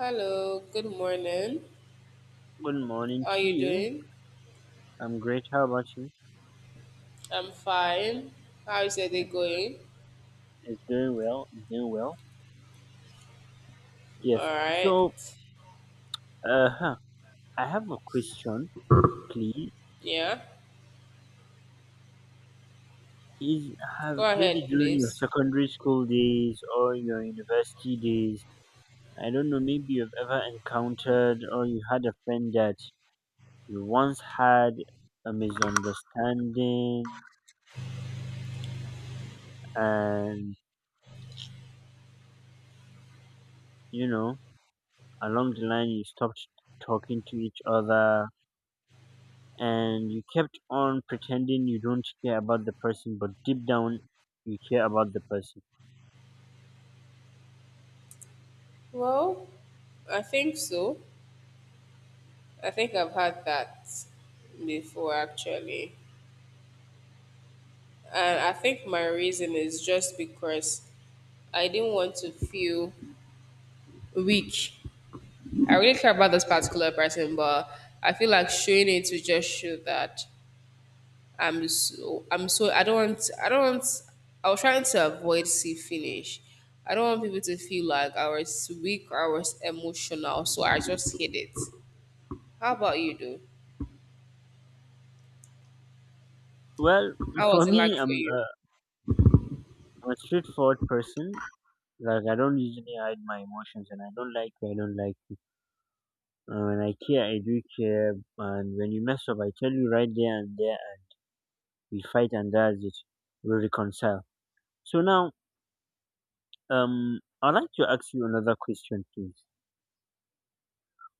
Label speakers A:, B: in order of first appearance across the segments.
A: Hello, good morning.
B: Good morning
A: How are
B: to
A: you
B: you.
A: doing?
B: I'm great. How about you?
A: I'm fine. How's your day
B: It-
A: going?
B: It's doing well. It's doing well.
A: All
B: Yes.
A: right.
B: So, uh, huh, I have a question, please.
A: Yeah.
B: Is
A: Go
B: have maybe
A: ahead,
B: during your
A: please.
B: secondary school days or your university days, I don't know, maybe you've ever encountered or you had a friend that you once had a misunderstanding and, you know, along the line you stopped talking to each other and you kept on pretending you don't care about the person, but deep down you care about the person.
A: Well, I think so. I think I've had that before, actually. And I think my reason is just because I didn't want to feel weak. I really care about this particular person, but I feel like showing it to just show that I'm so I don't want I was trying to avoid see finish. I don't want people to feel like I was weak or I was emotional, so I just hid it. How about you though?
B: Well,
A: How
B: for
A: was it
B: me,
A: like for
B: I'm
A: you?
B: a, I'm a straightforward person. Like I don't usually hide my emotions, and I don't like you. When I care, I do care, and when you mess up, I tell you right there and there. We fight, and that's it. We reconcile. So now, I'd like to ask you another question, please.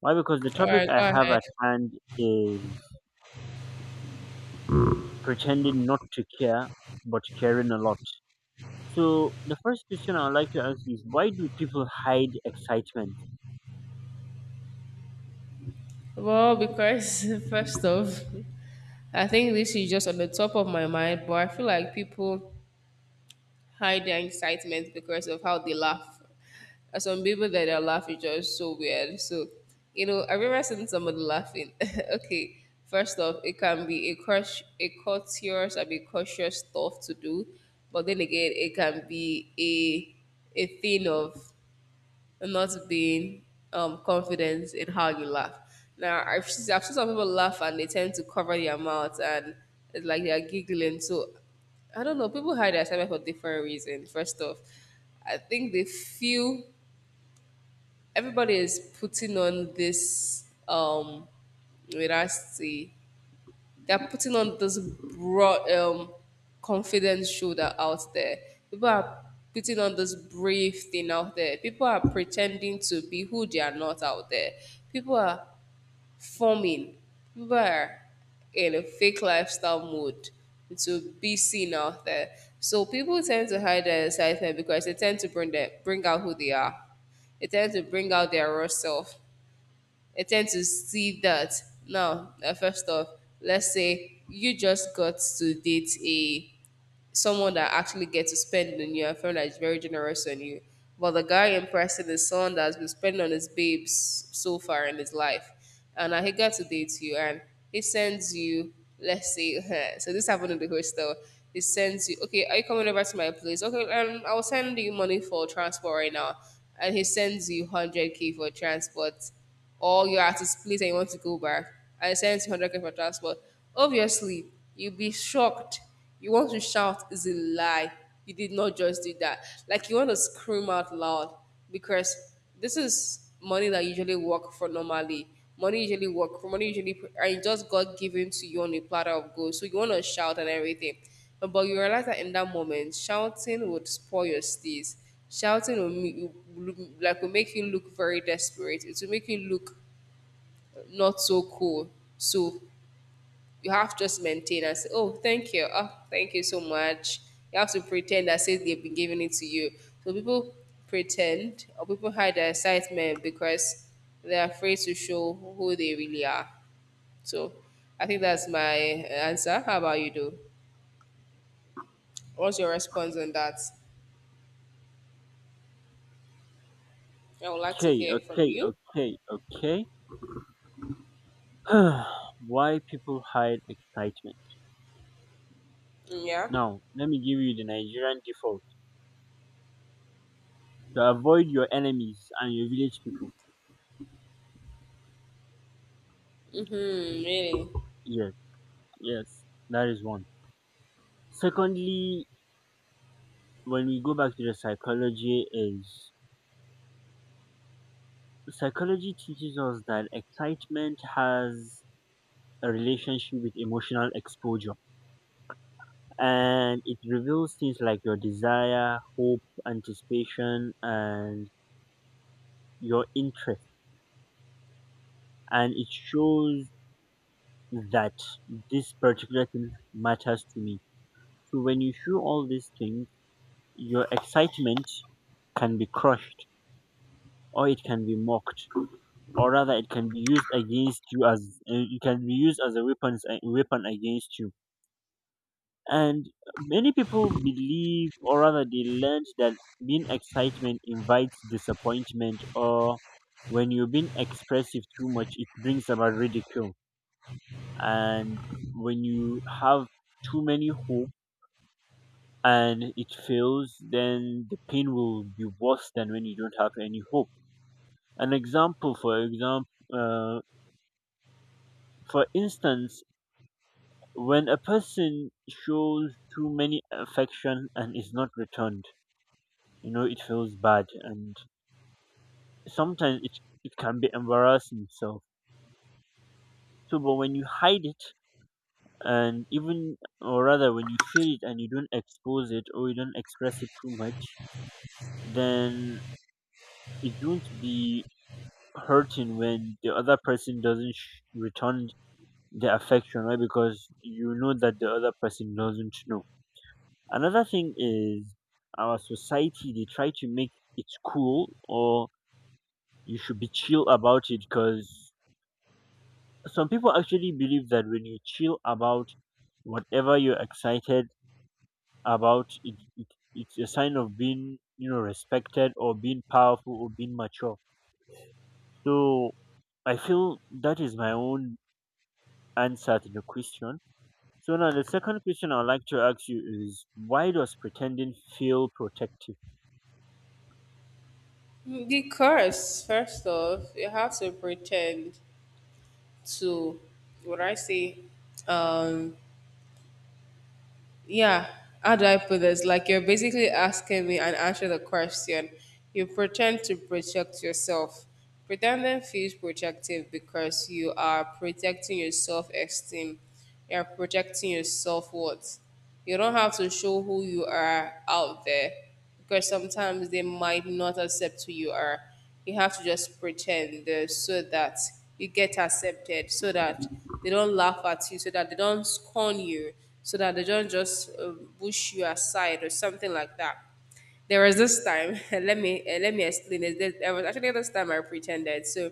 B: Why? Because the topic
A: Alright,
B: I
A: go
B: have
A: ahead.
B: at hand is pretending not to care but caring a lot. So the first question I'd like to ask is, why do people hide excitement?
A: Well, because first off, I think this is just on the top of my mind, but I feel like people hide their excitement because of how they laugh. Some people that are laughing just so weird. So, you know, I remember seeing somebody laughing. Okay, first off, it can be a crush, a courteous, and be cautious stuff to do, but then again, it can be a thing of and not being confident in how you laugh. Now, have seen some people laugh and they tend to cover their mouth and it's like they're giggling. So, I don't know. People hide their excitement for different reasons. First off, I think they feel everybody is putting on this um, wait, I see they're putting on this broad confidence shoulder out there. People are putting on this brave thing out there. People are pretending to be who they are not out there. People are forming. People are in a fake lifestyle mode to be seen out there. So people tend to hide their excitement because they tend to bring their, bring out who they are. They tend to bring out their raw self. I tend to see that now. First off, let's say you just got to date a someone that actually gets to spend on you and someone that is very generous on you. But the guy in person is someone that has been spending on his babes so far in his life. And he got to date you and he sends you, let's say, so this happened in the hostel. He sends you, okay, are you coming over to my place? Okay, I'll send you money for transport right now. And he sends you 100K for transport or you're at his place, and you want to go back and send 100K for transport, obviously you'll be shocked you want to shout is a lie. You did not just do that. Like you want to scream out loud because this is money that usually work for normally. Money usually work for money usually and it just got given to you on a platter of gold. So you want to shout and everything, but you realize that in that moment, shouting would spoil your stays. Will like will make you look very desperate. It will make you look not so cool. So you have to just maintain and say, oh, thank you. Oh, thank you so much. You have to pretend as if they've been giving it to you. So people pretend or people hide their excitement because they're afraid to show who they really are. So I think that's my answer. How about you, though? What's your response on that? I would like to
B: Okay,
A: hear from
B: okay,
A: you.
B: okay, okay. Why people hide excitement?
A: Mm, yeah.
B: Now, let me give you the Nigerian default. To avoid your enemies and your village people.
A: Mm-hmm, really?
B: Yes, yes, that is one. Secondly, when we go back to the psychology, is psychology teaches us that excitement has a relationship with emotional exposure, and it reveals things like your desire, hope, anticipation, and your interest. And it shows that this particular thing matters to me. So when you show all these things, your excitement can be crushed, or it can be mocked, or rather it can be used against you as it can be used as a weapon against you. And many people believe, or rather, they learned that being excitement invites disappointment, or when you're being expressive too much, it brings about ridicule. And when you have too many hope and it fails, then the pain will be worse than when you don't have any hope. An example, for example, uh, for instance, when a person shows too many affection and is not returned, it feels bad, and sometimes it can be embarrassing itself. So, but when you hide it, and even, or rather, when you feel it and you don't expose it or you don't express it too much, then it won't be hurting when the other person doesn't return the affection, right? Because you know that the other person doesn't know. Another thing is, our society, they try to make it cool, or you should be chill about it, because some people actually believe that when you chill about whatever you're excited about it, it's a sign of being, respected, or being powerful, or being mature. So I feel that is my own answer to the question. So now the second question I'd like to ask you is, why does pretending feel protective?
A: Mm, because, first off, you have to pretend to, what I say, um, yeah, how do I put this, like you're basically asking me and answer the question. You pretend to protect yourself. Pretending feels protective because you are protecting your self-esteem. You're protecting your self-worth. You don't have to show who you are out there because sometimes they might not accept who you are. You have to just pretend so that you get accepted, so that they don't laugh at you, so that they don't scorn you, so that they don't just push you aside or something like that. There was this time. Let me explain this. There was actually this time I pretended. So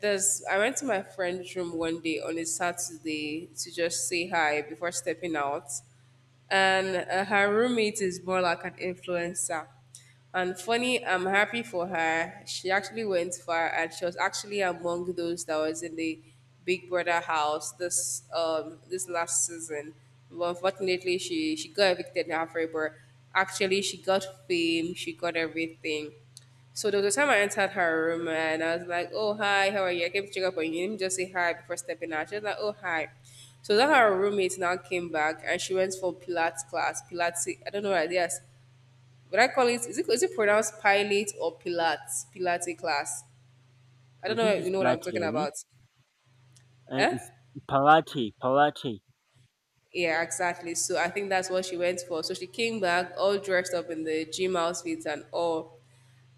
A: there's I went to my friend's room one day on a Saturday to just say hi before stepping out and her roommate is more like an influencer. And funny, I'm happy for her. She actually went far, and she was actually among those that was in the Big Brother house this this last season. But unfortunately, she got evicted in her favor. Actually, she got fame. She got everything. So there was a time I entered her room and I was like, "Oh hi, how are you? I came to check up on you. You didn't just say hi before stepping out." She was like, "Oh hi." So then her roommate now came back and she went for Pilates class. Pilates, I don't know what it is. What I call it is it is it pronounced Pilate or Pilates? Pilates class. I
B: I
A: don't know.
B: think
A: If
B: it's
A: you know what I'm talking
B: plateary,
A: about?
B: and it's
A: Eh?
B: palate palate.
A: Yeah, exactly. So I think that's what she went for. So she came back all dressed up in the gym outfits and all.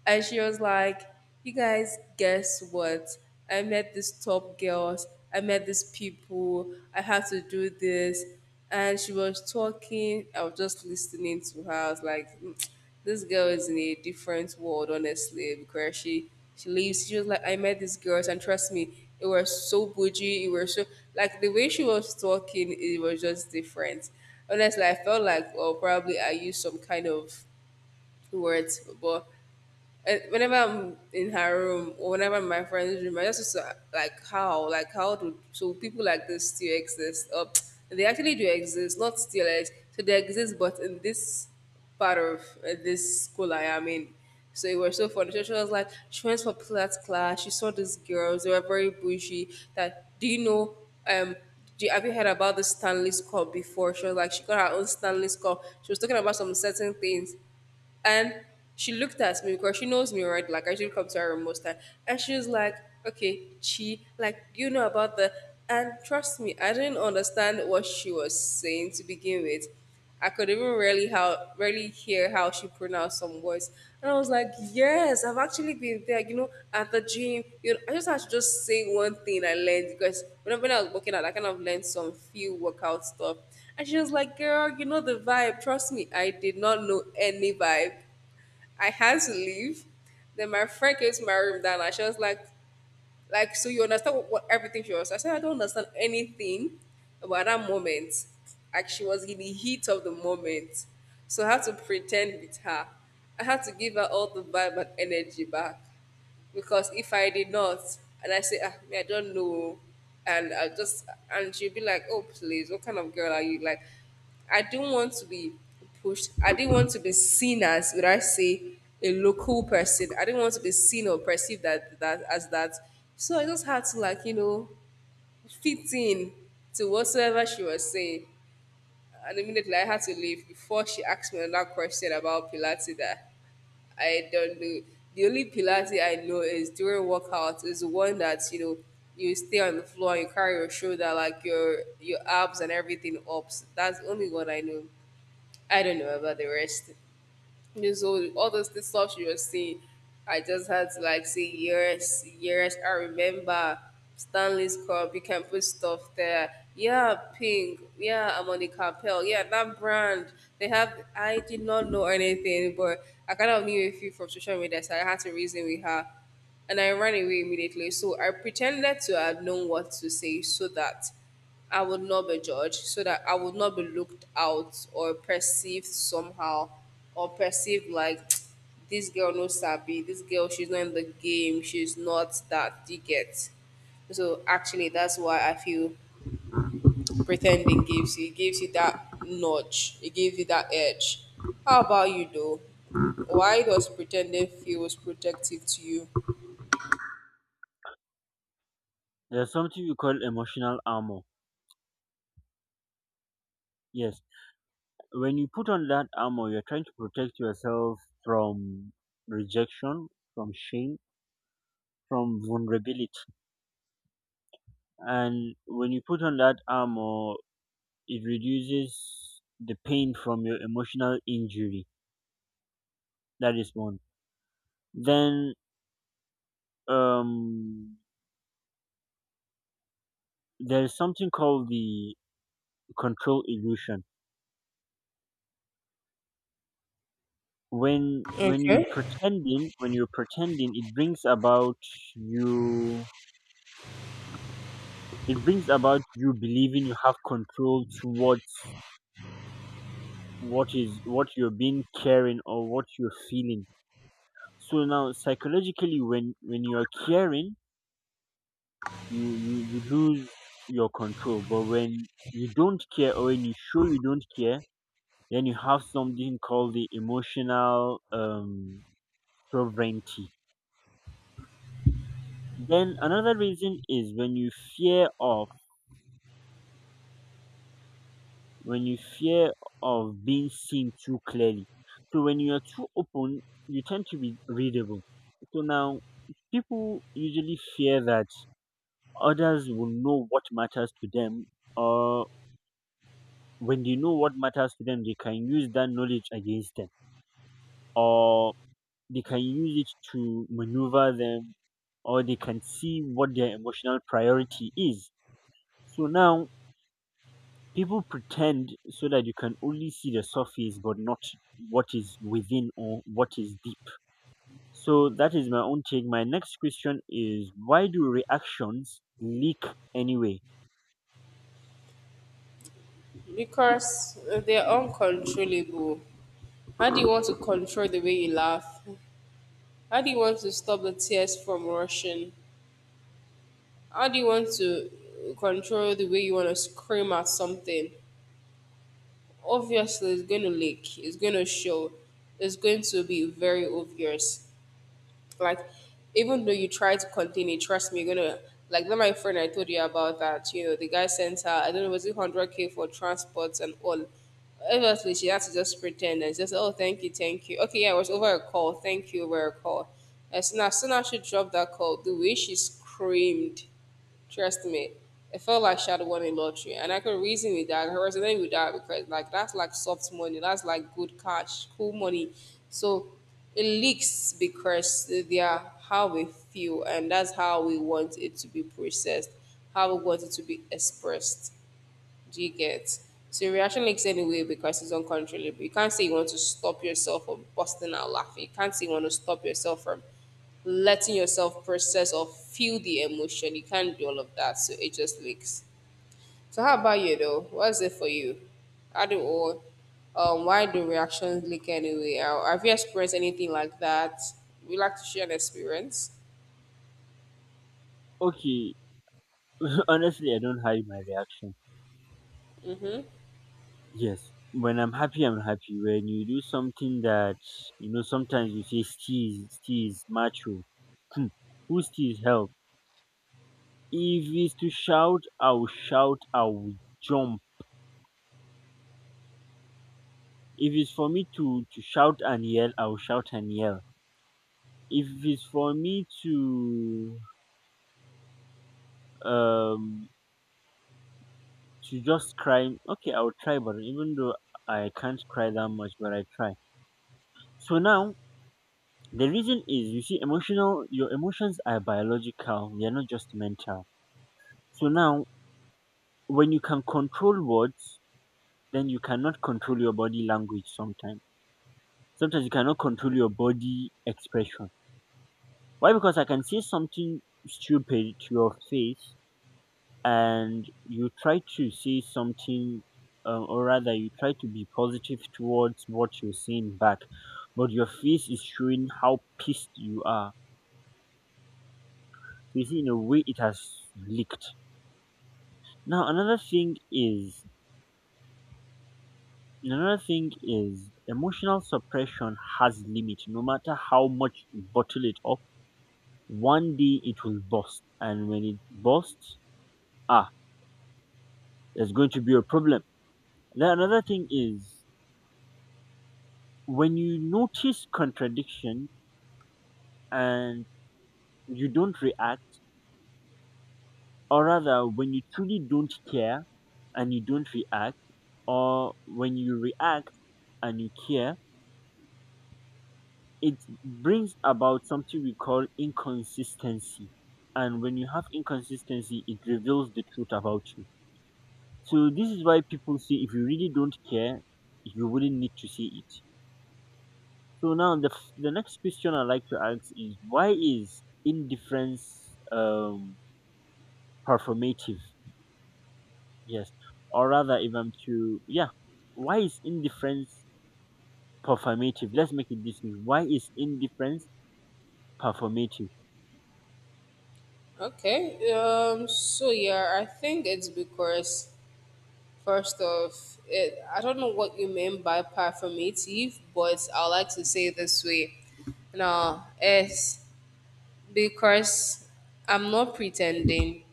A: And she was like, "You guys, guess what? I met these top girls. I met these people. I had to do this." And she was talking. I was just listening to her. I was like, "Mm, this girl is in a different world," honestly, because she leaves. She was like, I met these girls. And trust me, it was so bougie. It was so, like, the way she was talking, it was just different. Honestly, I felt like, well, probably I used some kind of words, but and whenever I'm in her room or whenever I'm in my friend's room, I just used to like how do so people like this still exist? Or they actually do exist, not still exist. So they exist, but in this part of this school I am in. So it was so funny. So she was like, she went for Pilates class. She saw these girls. They were very bougie. That do you know? Um, do you, have you heard about the Stanley's Cup before? She was like, she got her own Stanley's Cup. She was talking about some certain things. And she looked at me because she knows me already. Like I usually come to her most time, and she was like, "Okay, she like you know about the." And trust me, I didn't understand what she was saying to begin with. I could even really how really hear how she pronounced some words. And I was like, yes, I've actually been there, you know, at the gym. You know, I just had to just say one thing I learned because whenever when I was working out, I kind of learned some few workout stuff. And she was like, girl, you know the vibe. Trust me, I did not know any vibe. I had to leave. Then my friend came to my room, and she was like, so you understand what everything she was. I said, I don't understand anything about that moment. Like, she was in the heat of the moment. So I had to pretend with her. I had to give her all the vibe and energy back because if I did not, and I say, ah, me, I don't know, and I just, and she'll be like, oh, please, what kind of girl are you? Like, I didn't want to be pushed. I didn't want to be seen as, would I say, a local person. I didn't want to be seen or perceived that as that. So I just had to, like, you know, fit in to whatsoever she was saying. And immediately I had to leave before she asked me another question about Pilates there. I don't do. The only Pilates I know is during workouts is the one that you know you stay on the floor and you carry your shoulder like your abs and everything up. That's the only one I know. I don't know about the rest. Yeah, so all those things stuff you were saying, I just had to like say yes, yes. I remember Stanley's Cup. You can put stuff there. Yeah, Pink. Yeah, I'm Capel. Yeah, that brand. They have. I did not know anything, but I kind of knew a few from social media, so I had to reason with her, and I ran away immediately. So I pretended to have known what to say so that I would not be judged, so that I would not be looked out or perceived somehow, or perceived like this girl no sabi, this girl she's not in the game, she's not that you get. So actually, that's why I feel pretending gives you that nudge, it gives you that edge. How about you though? Why does pretending feels protective to you?
B: There's something we call emotional armor. Yes, when you put on that armor, you're trying to protect yourself from rejection, from shame, from vulnerability. And when you put on that armor, it reduces the pain from your emotional injury. That is one. Then, um, there's something called the control illusion. When you're pretending, it brings about you. It brings about you believing you have control towards what you're being caring or what you're feeling. So now, psychologically, when you're caring, you lose your control. But when you don't care, or when you show you don't care, then you have something called the emotional sovereignty. Then another reason is fear of when you fear of being seen too clearly. So when you are too open, you tend to be readable. So now, people usually fear that others will know what matters to them, or when they know what matters to them, they can use that knowledge against them, or they can use it to maneuver them, or they can see what their emotional priority is. So now, people pretend so that you can only see the surface but not what is within or what is deep. So that is my own take. My next question is, why do reactions leak anyway?
A: Because they're uncontrollable. How do you want to control the way you laugh? How do you want to stop the tears from rushing? How do you want to control the way you want to scream at something? Obviously, it's going to leak, it's going to show, it's going to be very obvious. Like, even though you try to contain it, trust me, you're gonna like that. My friend I told you about that. You know, the guy sent her. I don't know, was it 100K for transports and all. Obviously, she had to just pretend and just oh, thank you, thank you. Okay, yeah, it was over a call. Thank you over a call. As soon as she dropped that call, the way she screamed. Trust me, it felt like she had won a lottery, and I could reason with that. I could resonate with that because like that's like soft money, that's like good cash, cool money. So it leaks because they are how we feel, and that's how we want it to be processed, how we want it to be expressed. Do you get? So your reaction leaks anyway because it's uncontrollable. You can't say you want to stop yourself from busting out laughing. You can't say you want to stop yourself from letting yourself process or feel the emotion. You can't do all of that. So it just leaks. So how about you though? What's it for you? How do all Why do reactions leak anyway? Have you experienced anything like that? Would you like to share an experience?
B: Okay, honestly, I don't hide my reaction.
A: Mm-hmm.
B: Yes, when I'm happy, I'm happy. When you do something that, sometimes you say steez, steez, macho. Hmm, who steez help? If it's to shout, I'll jump. If it's for me to shout and yell, I will shout and yell. If it's for me to um just cry, okay, I will try. But even though I can't cry that much, but I try. So now the reason is, you see, emotional. Your emotions are biological; they're not just mental. So now, when you can control words, then you cannot control your body language. Sometimes you cannot control your body expression. Why? Because I can say something stupid to your face and you try to see something, or rather you try to be positive towards what you're seeing back, but your face is showing how pissed you are. So you see, in a way, it has leaked. Now another thing is, emotional suppression has limit. No matter how much you bottle it up, one day it will burst. And when it bursts, ah, there's going to be a problem. Then another thing is, when you notice contradiction and you don't react, or rather, when you truly don't care and you don't react, or when you react and you care, it brings about something we call inconsistency. And when you have inconsistency, it reveals the truth about you. So, this is why people say, if you really don't care, you wouldn't need to say it. So, now the next question I like to ask is, why is indifference performative? Yes, or rather, even to, yeah, why is indifference performative? Let's make it this way. Why is indifference performative?
A: Okay. So yeah, I think it's because. First off, it, I don't know what you mean by performative, but I like to say it this way. Now, it's because I'm not pretending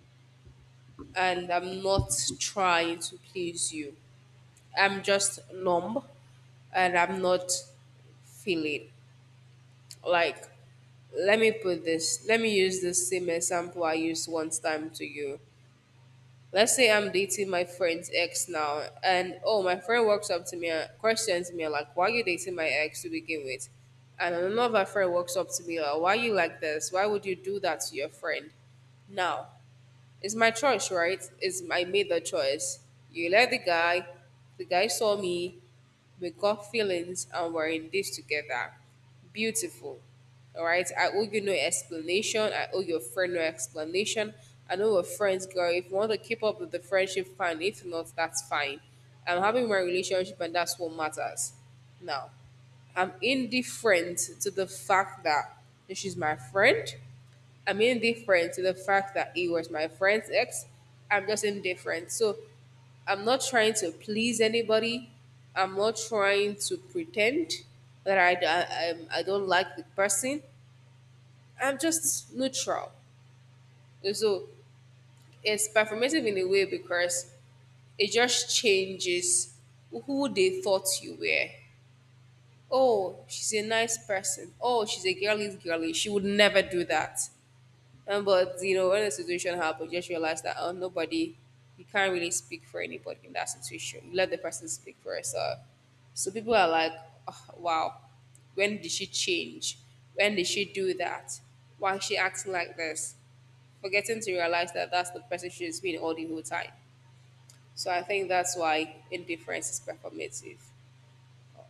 A: and I'm not trying to please you. I'm just numb and I'm not feeling. Like, let me put this, let me use the same example I used once time to you. Let's say I'm dating my friend's ex now, and oh, my friend walks up to me and questions me like, "Why are you dating my ex to begin with?" And another friend walks up to me like, "Why you like this? Why would you do that to your friend?" Now, it's my choice, right? It's I made the choice. You let the guy. The guy saw me. We got feelings and we're in this together. Beautiful. All right. I owe you no explanation. I owe your friend no explanation. I know we're friends, girl. If you want to keep up with the friendship, fine. If not, that's fine. I'm having my relationship and that's what matters. Now, I'm indifferent to the fact that she's my friend. I'm indifferent to the fact that he was my friend's ex. I'm just indifferent. So I'm not trying to please anybody. I'm not trying to pretend that I don't like the person. I'm just neutral. And so it's performative in a way because it just changes who they thought you were. Oh, she's a nice person. Oh, she's a girly girly. She would never do that. But you know, when the situation happened, just realize that oh, nobody, you can't really speak for anybody in that situation. You let the person speak for herself. So people are like, oh, wow, when did she change? When did she do that? Why is she acting like this? Forgetting to realize that that's the person she's been all the whole time. So I think that's why indifference is performative.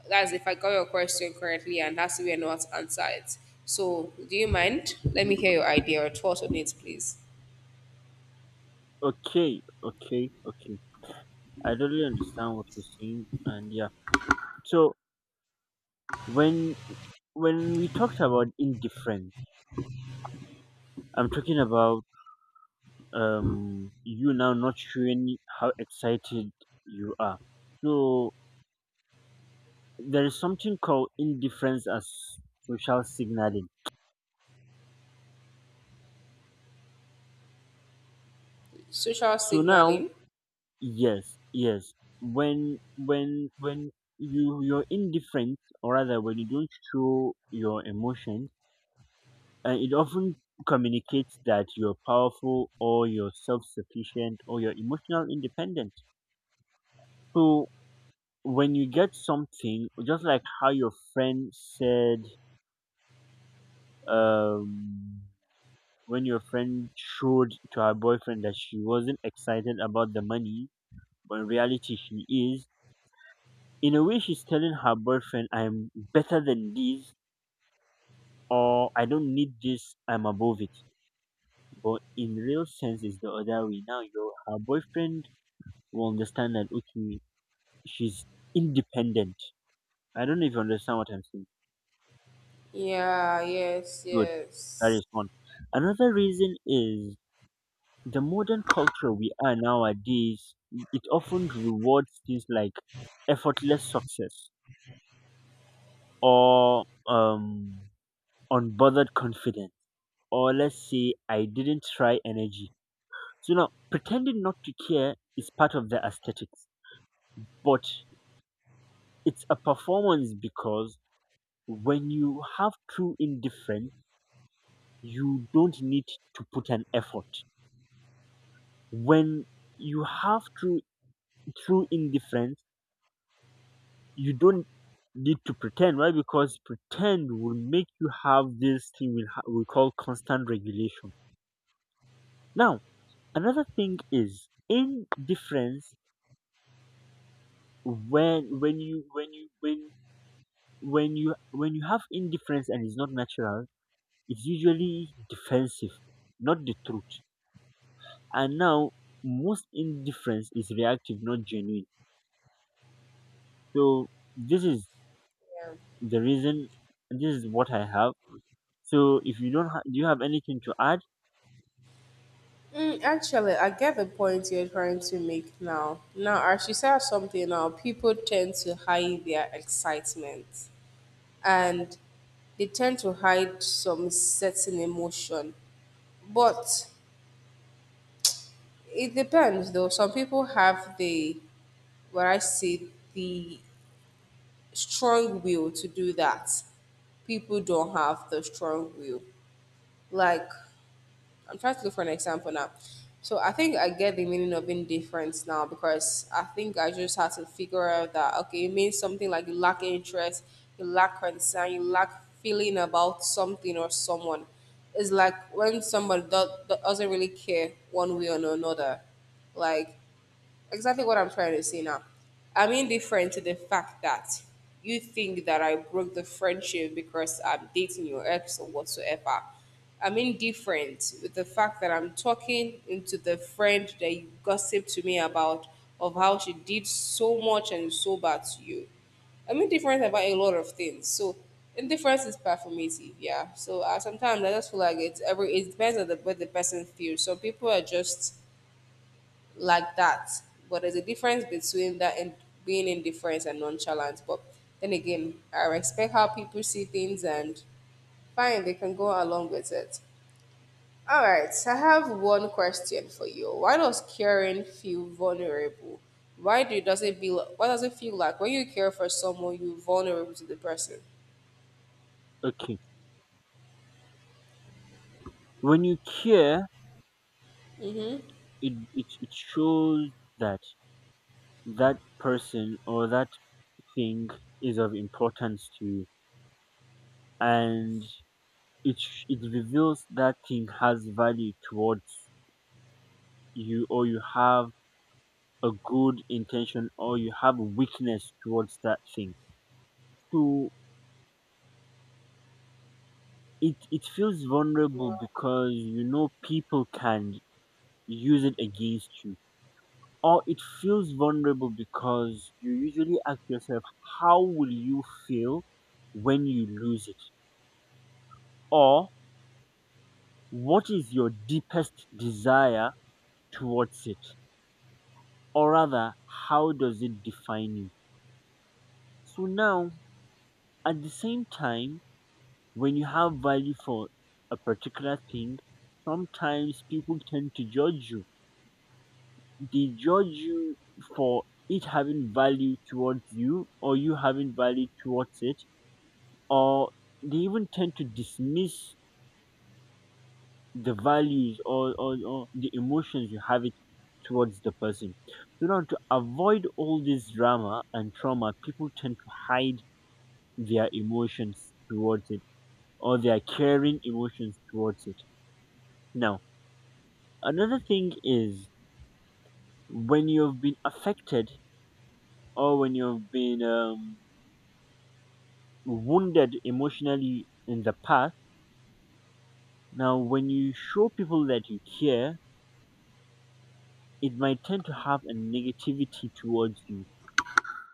A: That's if I got your question correctly, and that's we are not answered. So do you mind? Let me hear your idea or thoughts on it, please.
B: Okay, okay, okay. I totally understand what you're saying, and yeah. So when when we talked about indifference, I'm talking about you now not showing how excited you are. So there is something called indifference as social signaling.
A: Social
B: So now,
A: signaling.
B: yes, yes. When you you're indifferent, or rather, when you don't show your emotions, and it often communicates that you're powerful or you're self-sufficient or you're emotional independent. So when you get something, just like how your friend said, um, when your friend showed to her boyfriend that she wasn't excited about the money, but in reality she is. In a way, she's telling her boyfriend, I'm better than this, or I don't need this, I'm above it. But in real sense, it's the other way. Now, your her boyfriend will understand that, okay, she's independent. I don't know if you understand what I'm saying.
A: Yeah, yes,
B: Good. That
A: yes.
B: is one. Another reason is the modern culture we are nowadays, it often rewards things like effortless success, or unbothered confidence, or let's say, I didn't try energy. So now, pretending not to care is part of the aesthetics, but it's a performance, because when you have true indifference, you don't need to put an effort. When you have true indifference, you don't need to pretend, right? Because pretend will make you have this thing we call constant regulation. Now, another thing is indifference, when when you when you when when you have indifference and it's not natural, it's usually defensive, not the truth. And now, most indifference is reactive, not genuine. So, this is
A: Yeah.
B: the reason. This is what I have. So, if you don't ha- do you have anything to add?
A: Mm, actually, I get the point you're trying to make now. Now, as you said something now, people tend to hide their excitement and they tend to hide some certain emotion. But it depends though. Some people have the, what I say, the strong will to do that people don't have the strong will. Like, I'm trying to look for an example now. So I think I get the meaning of indifference now because I think I just had to figure out that okay, it means something like you lack interest, you lack concern, you lack feeling about something or someone. It's like when somebody doesn't really care one way or another. Like exactly what I'm trying to say now. I'm indifferent to the fact that you think that I broke the friendship because I'm dating your ex or whatsoever. I'm indifferent with the fact that I'm talking into the friend that you gossiped to me about of how she did so much and so bad to you. I'm indifferent about a lot of things. So indifference is performative, yeah. So sometimes I just feel like it's every it depends on the what the person feels. Some people are just like that. But there's a difference between that and being indifferent and nonchalant. But then again, I respect how people see things and fine, they can go along with it. All right, I have one question for you. Why does caring feel vulnerable? Why do does it feel? Why does it feel like when you care for someone, you're vulnerable to the person?
B: Okay, when you care,
A: Mm-hmm.
B: it shows that that person or that thing is of importance to you, and it reveals that thing has value towards you, or you have a good intention, or you have a weakness towards that thing. So it feels vulnerable, because you know people can use it against you. Or it feels vulnerable because you usually ask yourself, how will you feel when you lose it? Or what is your deepest desire towards it? Or rather, how does it define you? So now, at the same time, when you have value for a particular thing, sometimes people tend to judge you. They judge you for it having value towards you, or you having value towards it, or they even tend to dismiss the values, or the emotions you have it towards the person. So now, to avoid all this drama and trauma, people tend to hide their emotions towards it, or their caring emotions towards it. Now, another thing is, when you've been affected, or when you've been wounded emotionally in the past, now when you show people that you care, it might tend to have a negativity towards you.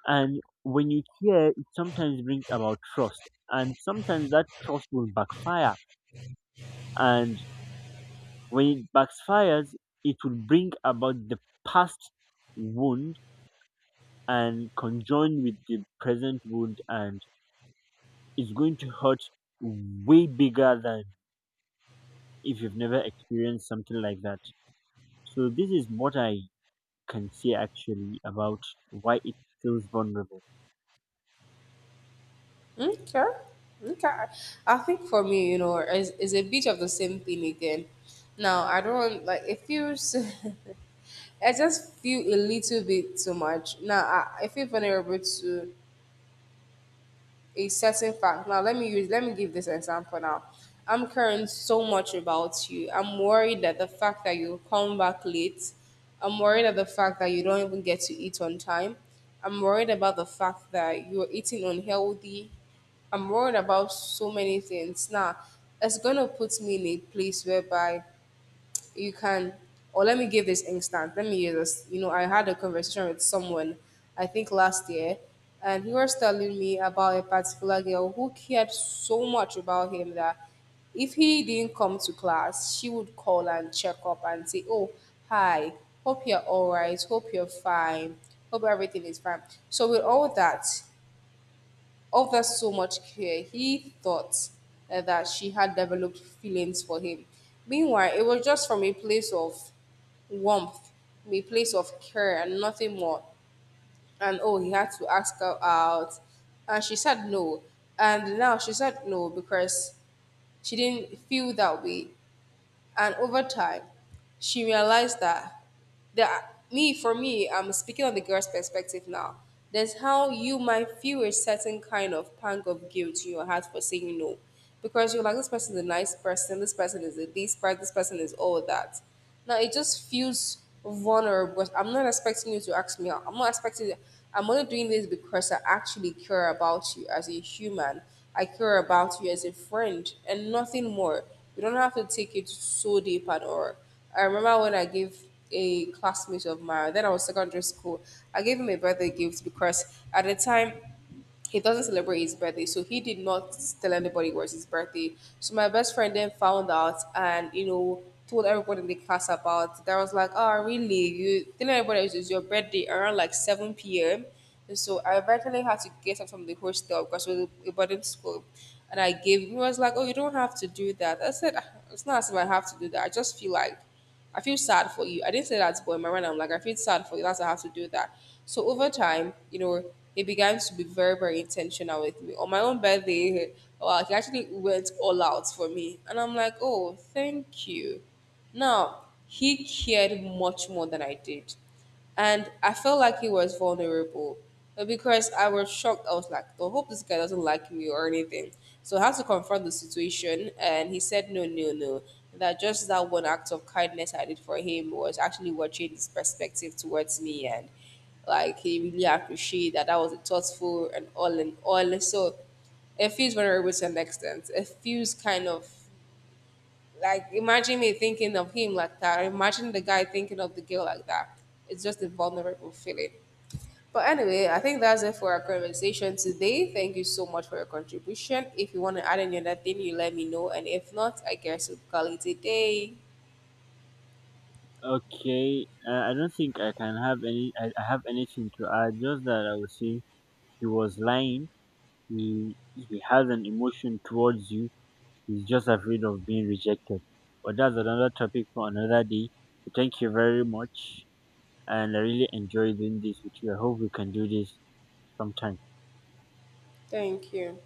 B: And when you care, it sometimes brings about trust. And sometimes that trust will backfire. And when it backfires, it will bring about the past wound, and conjoined with the present wound, and it's going to hurt way bigger than if you've never experienced something like that. So this is what I can say actually about why it feels vulnerable.
A: Okay. Okay. I think for me, you know, it's a bit of the same thing again. Now, I don't like it feels. I just feel a little bit too much. Now I feel vulnerable to a certain fact. Now let me use let me give this example now. I'm caring so much about you. I'm worried that the fact that you come back late, I'm worried at the fact that you don't even get to eat on time. I'm worried about the fact that you're eating unhealthy. I'm worried about so many things. Now, it's gonna put me in a place whereby you can or let me give this instance let me use this. You know, I had a conversation with someone I think last year, and he was telling me about a particular girl who cared so much about him that if he didn't come to class she would call and check up and say, oh, hi, hope you're all right, hope you're fine, hope everything is fine. So with all that, oh, that so much care. He thought that she had developed feelings for him. Meanwhile, it was just from a place of warmth, a place of care, and nothing more. And oh, he had to ask her out. And she said no. And now she said no because she didn't feel that way. And over time, she realized that that me for me, I'm speaking on the girl's perspective now. There's how you might feel a certain kind of pang of guilt in your heart for saying no. Because you're like, this person is a nice person, this person is a this person is all that. Now it just feels vulnerable. But I'm not expecting you to ask me out. I'm not expecting you. I'm only doing this because I actually care about you as a human. I care about you as a friend, and nothing more. You don't have to take it so deep at all. I remember when I gave a classmate of mine, then I was secondary school. I gave him a birthday gift because at the time he doesn't celebrate his birthday, so he did not tell anybody it was his birthday. So my best friend then found out and you know told everybody in the class about. That was like, oh really? You telling everybody it was your birthday around like 7 p.m. And so I eventually had to get up from the hostel because we were a boarding school. And I gave him, he was like, "Oh, you don't have to do that." I said, "Ah, it's not as if I have to do that. I just feel like." I feel sad for you. I didn't say that to him. I rather I'm like, I feel sad for you. That's why I have to do that. So over time, you know, he began to be very, very intentional with me. On my own birthday, well, he actually went all out for me. And I'm like, oh, thank you. Now, he cared much more than I did. And I felt like he was vulnerable. But because I was shocked, I was like, I hope this guy doesn't like me or anything. So I had to confront the situation. And he said, no, no, no. That just that one act of kindness I did for him was actually what changed his perspective towards me. And like, he really appreciated that I was thoughtful and all and all. So it feels vulnerable to an extent. It feels kind of like imagine me thinking of him like that. Or imagine the guy thinking of the girl like that. It's just a vulnerable feeling. But anyway, I think that's it for our conversation today. Thank you so much for your contribution. If you want to add any other thing, you let me know. And if not, I guess we'll call it a day.
B: Okay, I don't think I can have any. I have anything to add. Just that I would say he was lying. He has an emotion towards you. He's just afraid of being rejected. But that's another topic for another day. Thank you very much. And I really enjoy doing this with you. I hope we can do this sometime.
A: Thank you.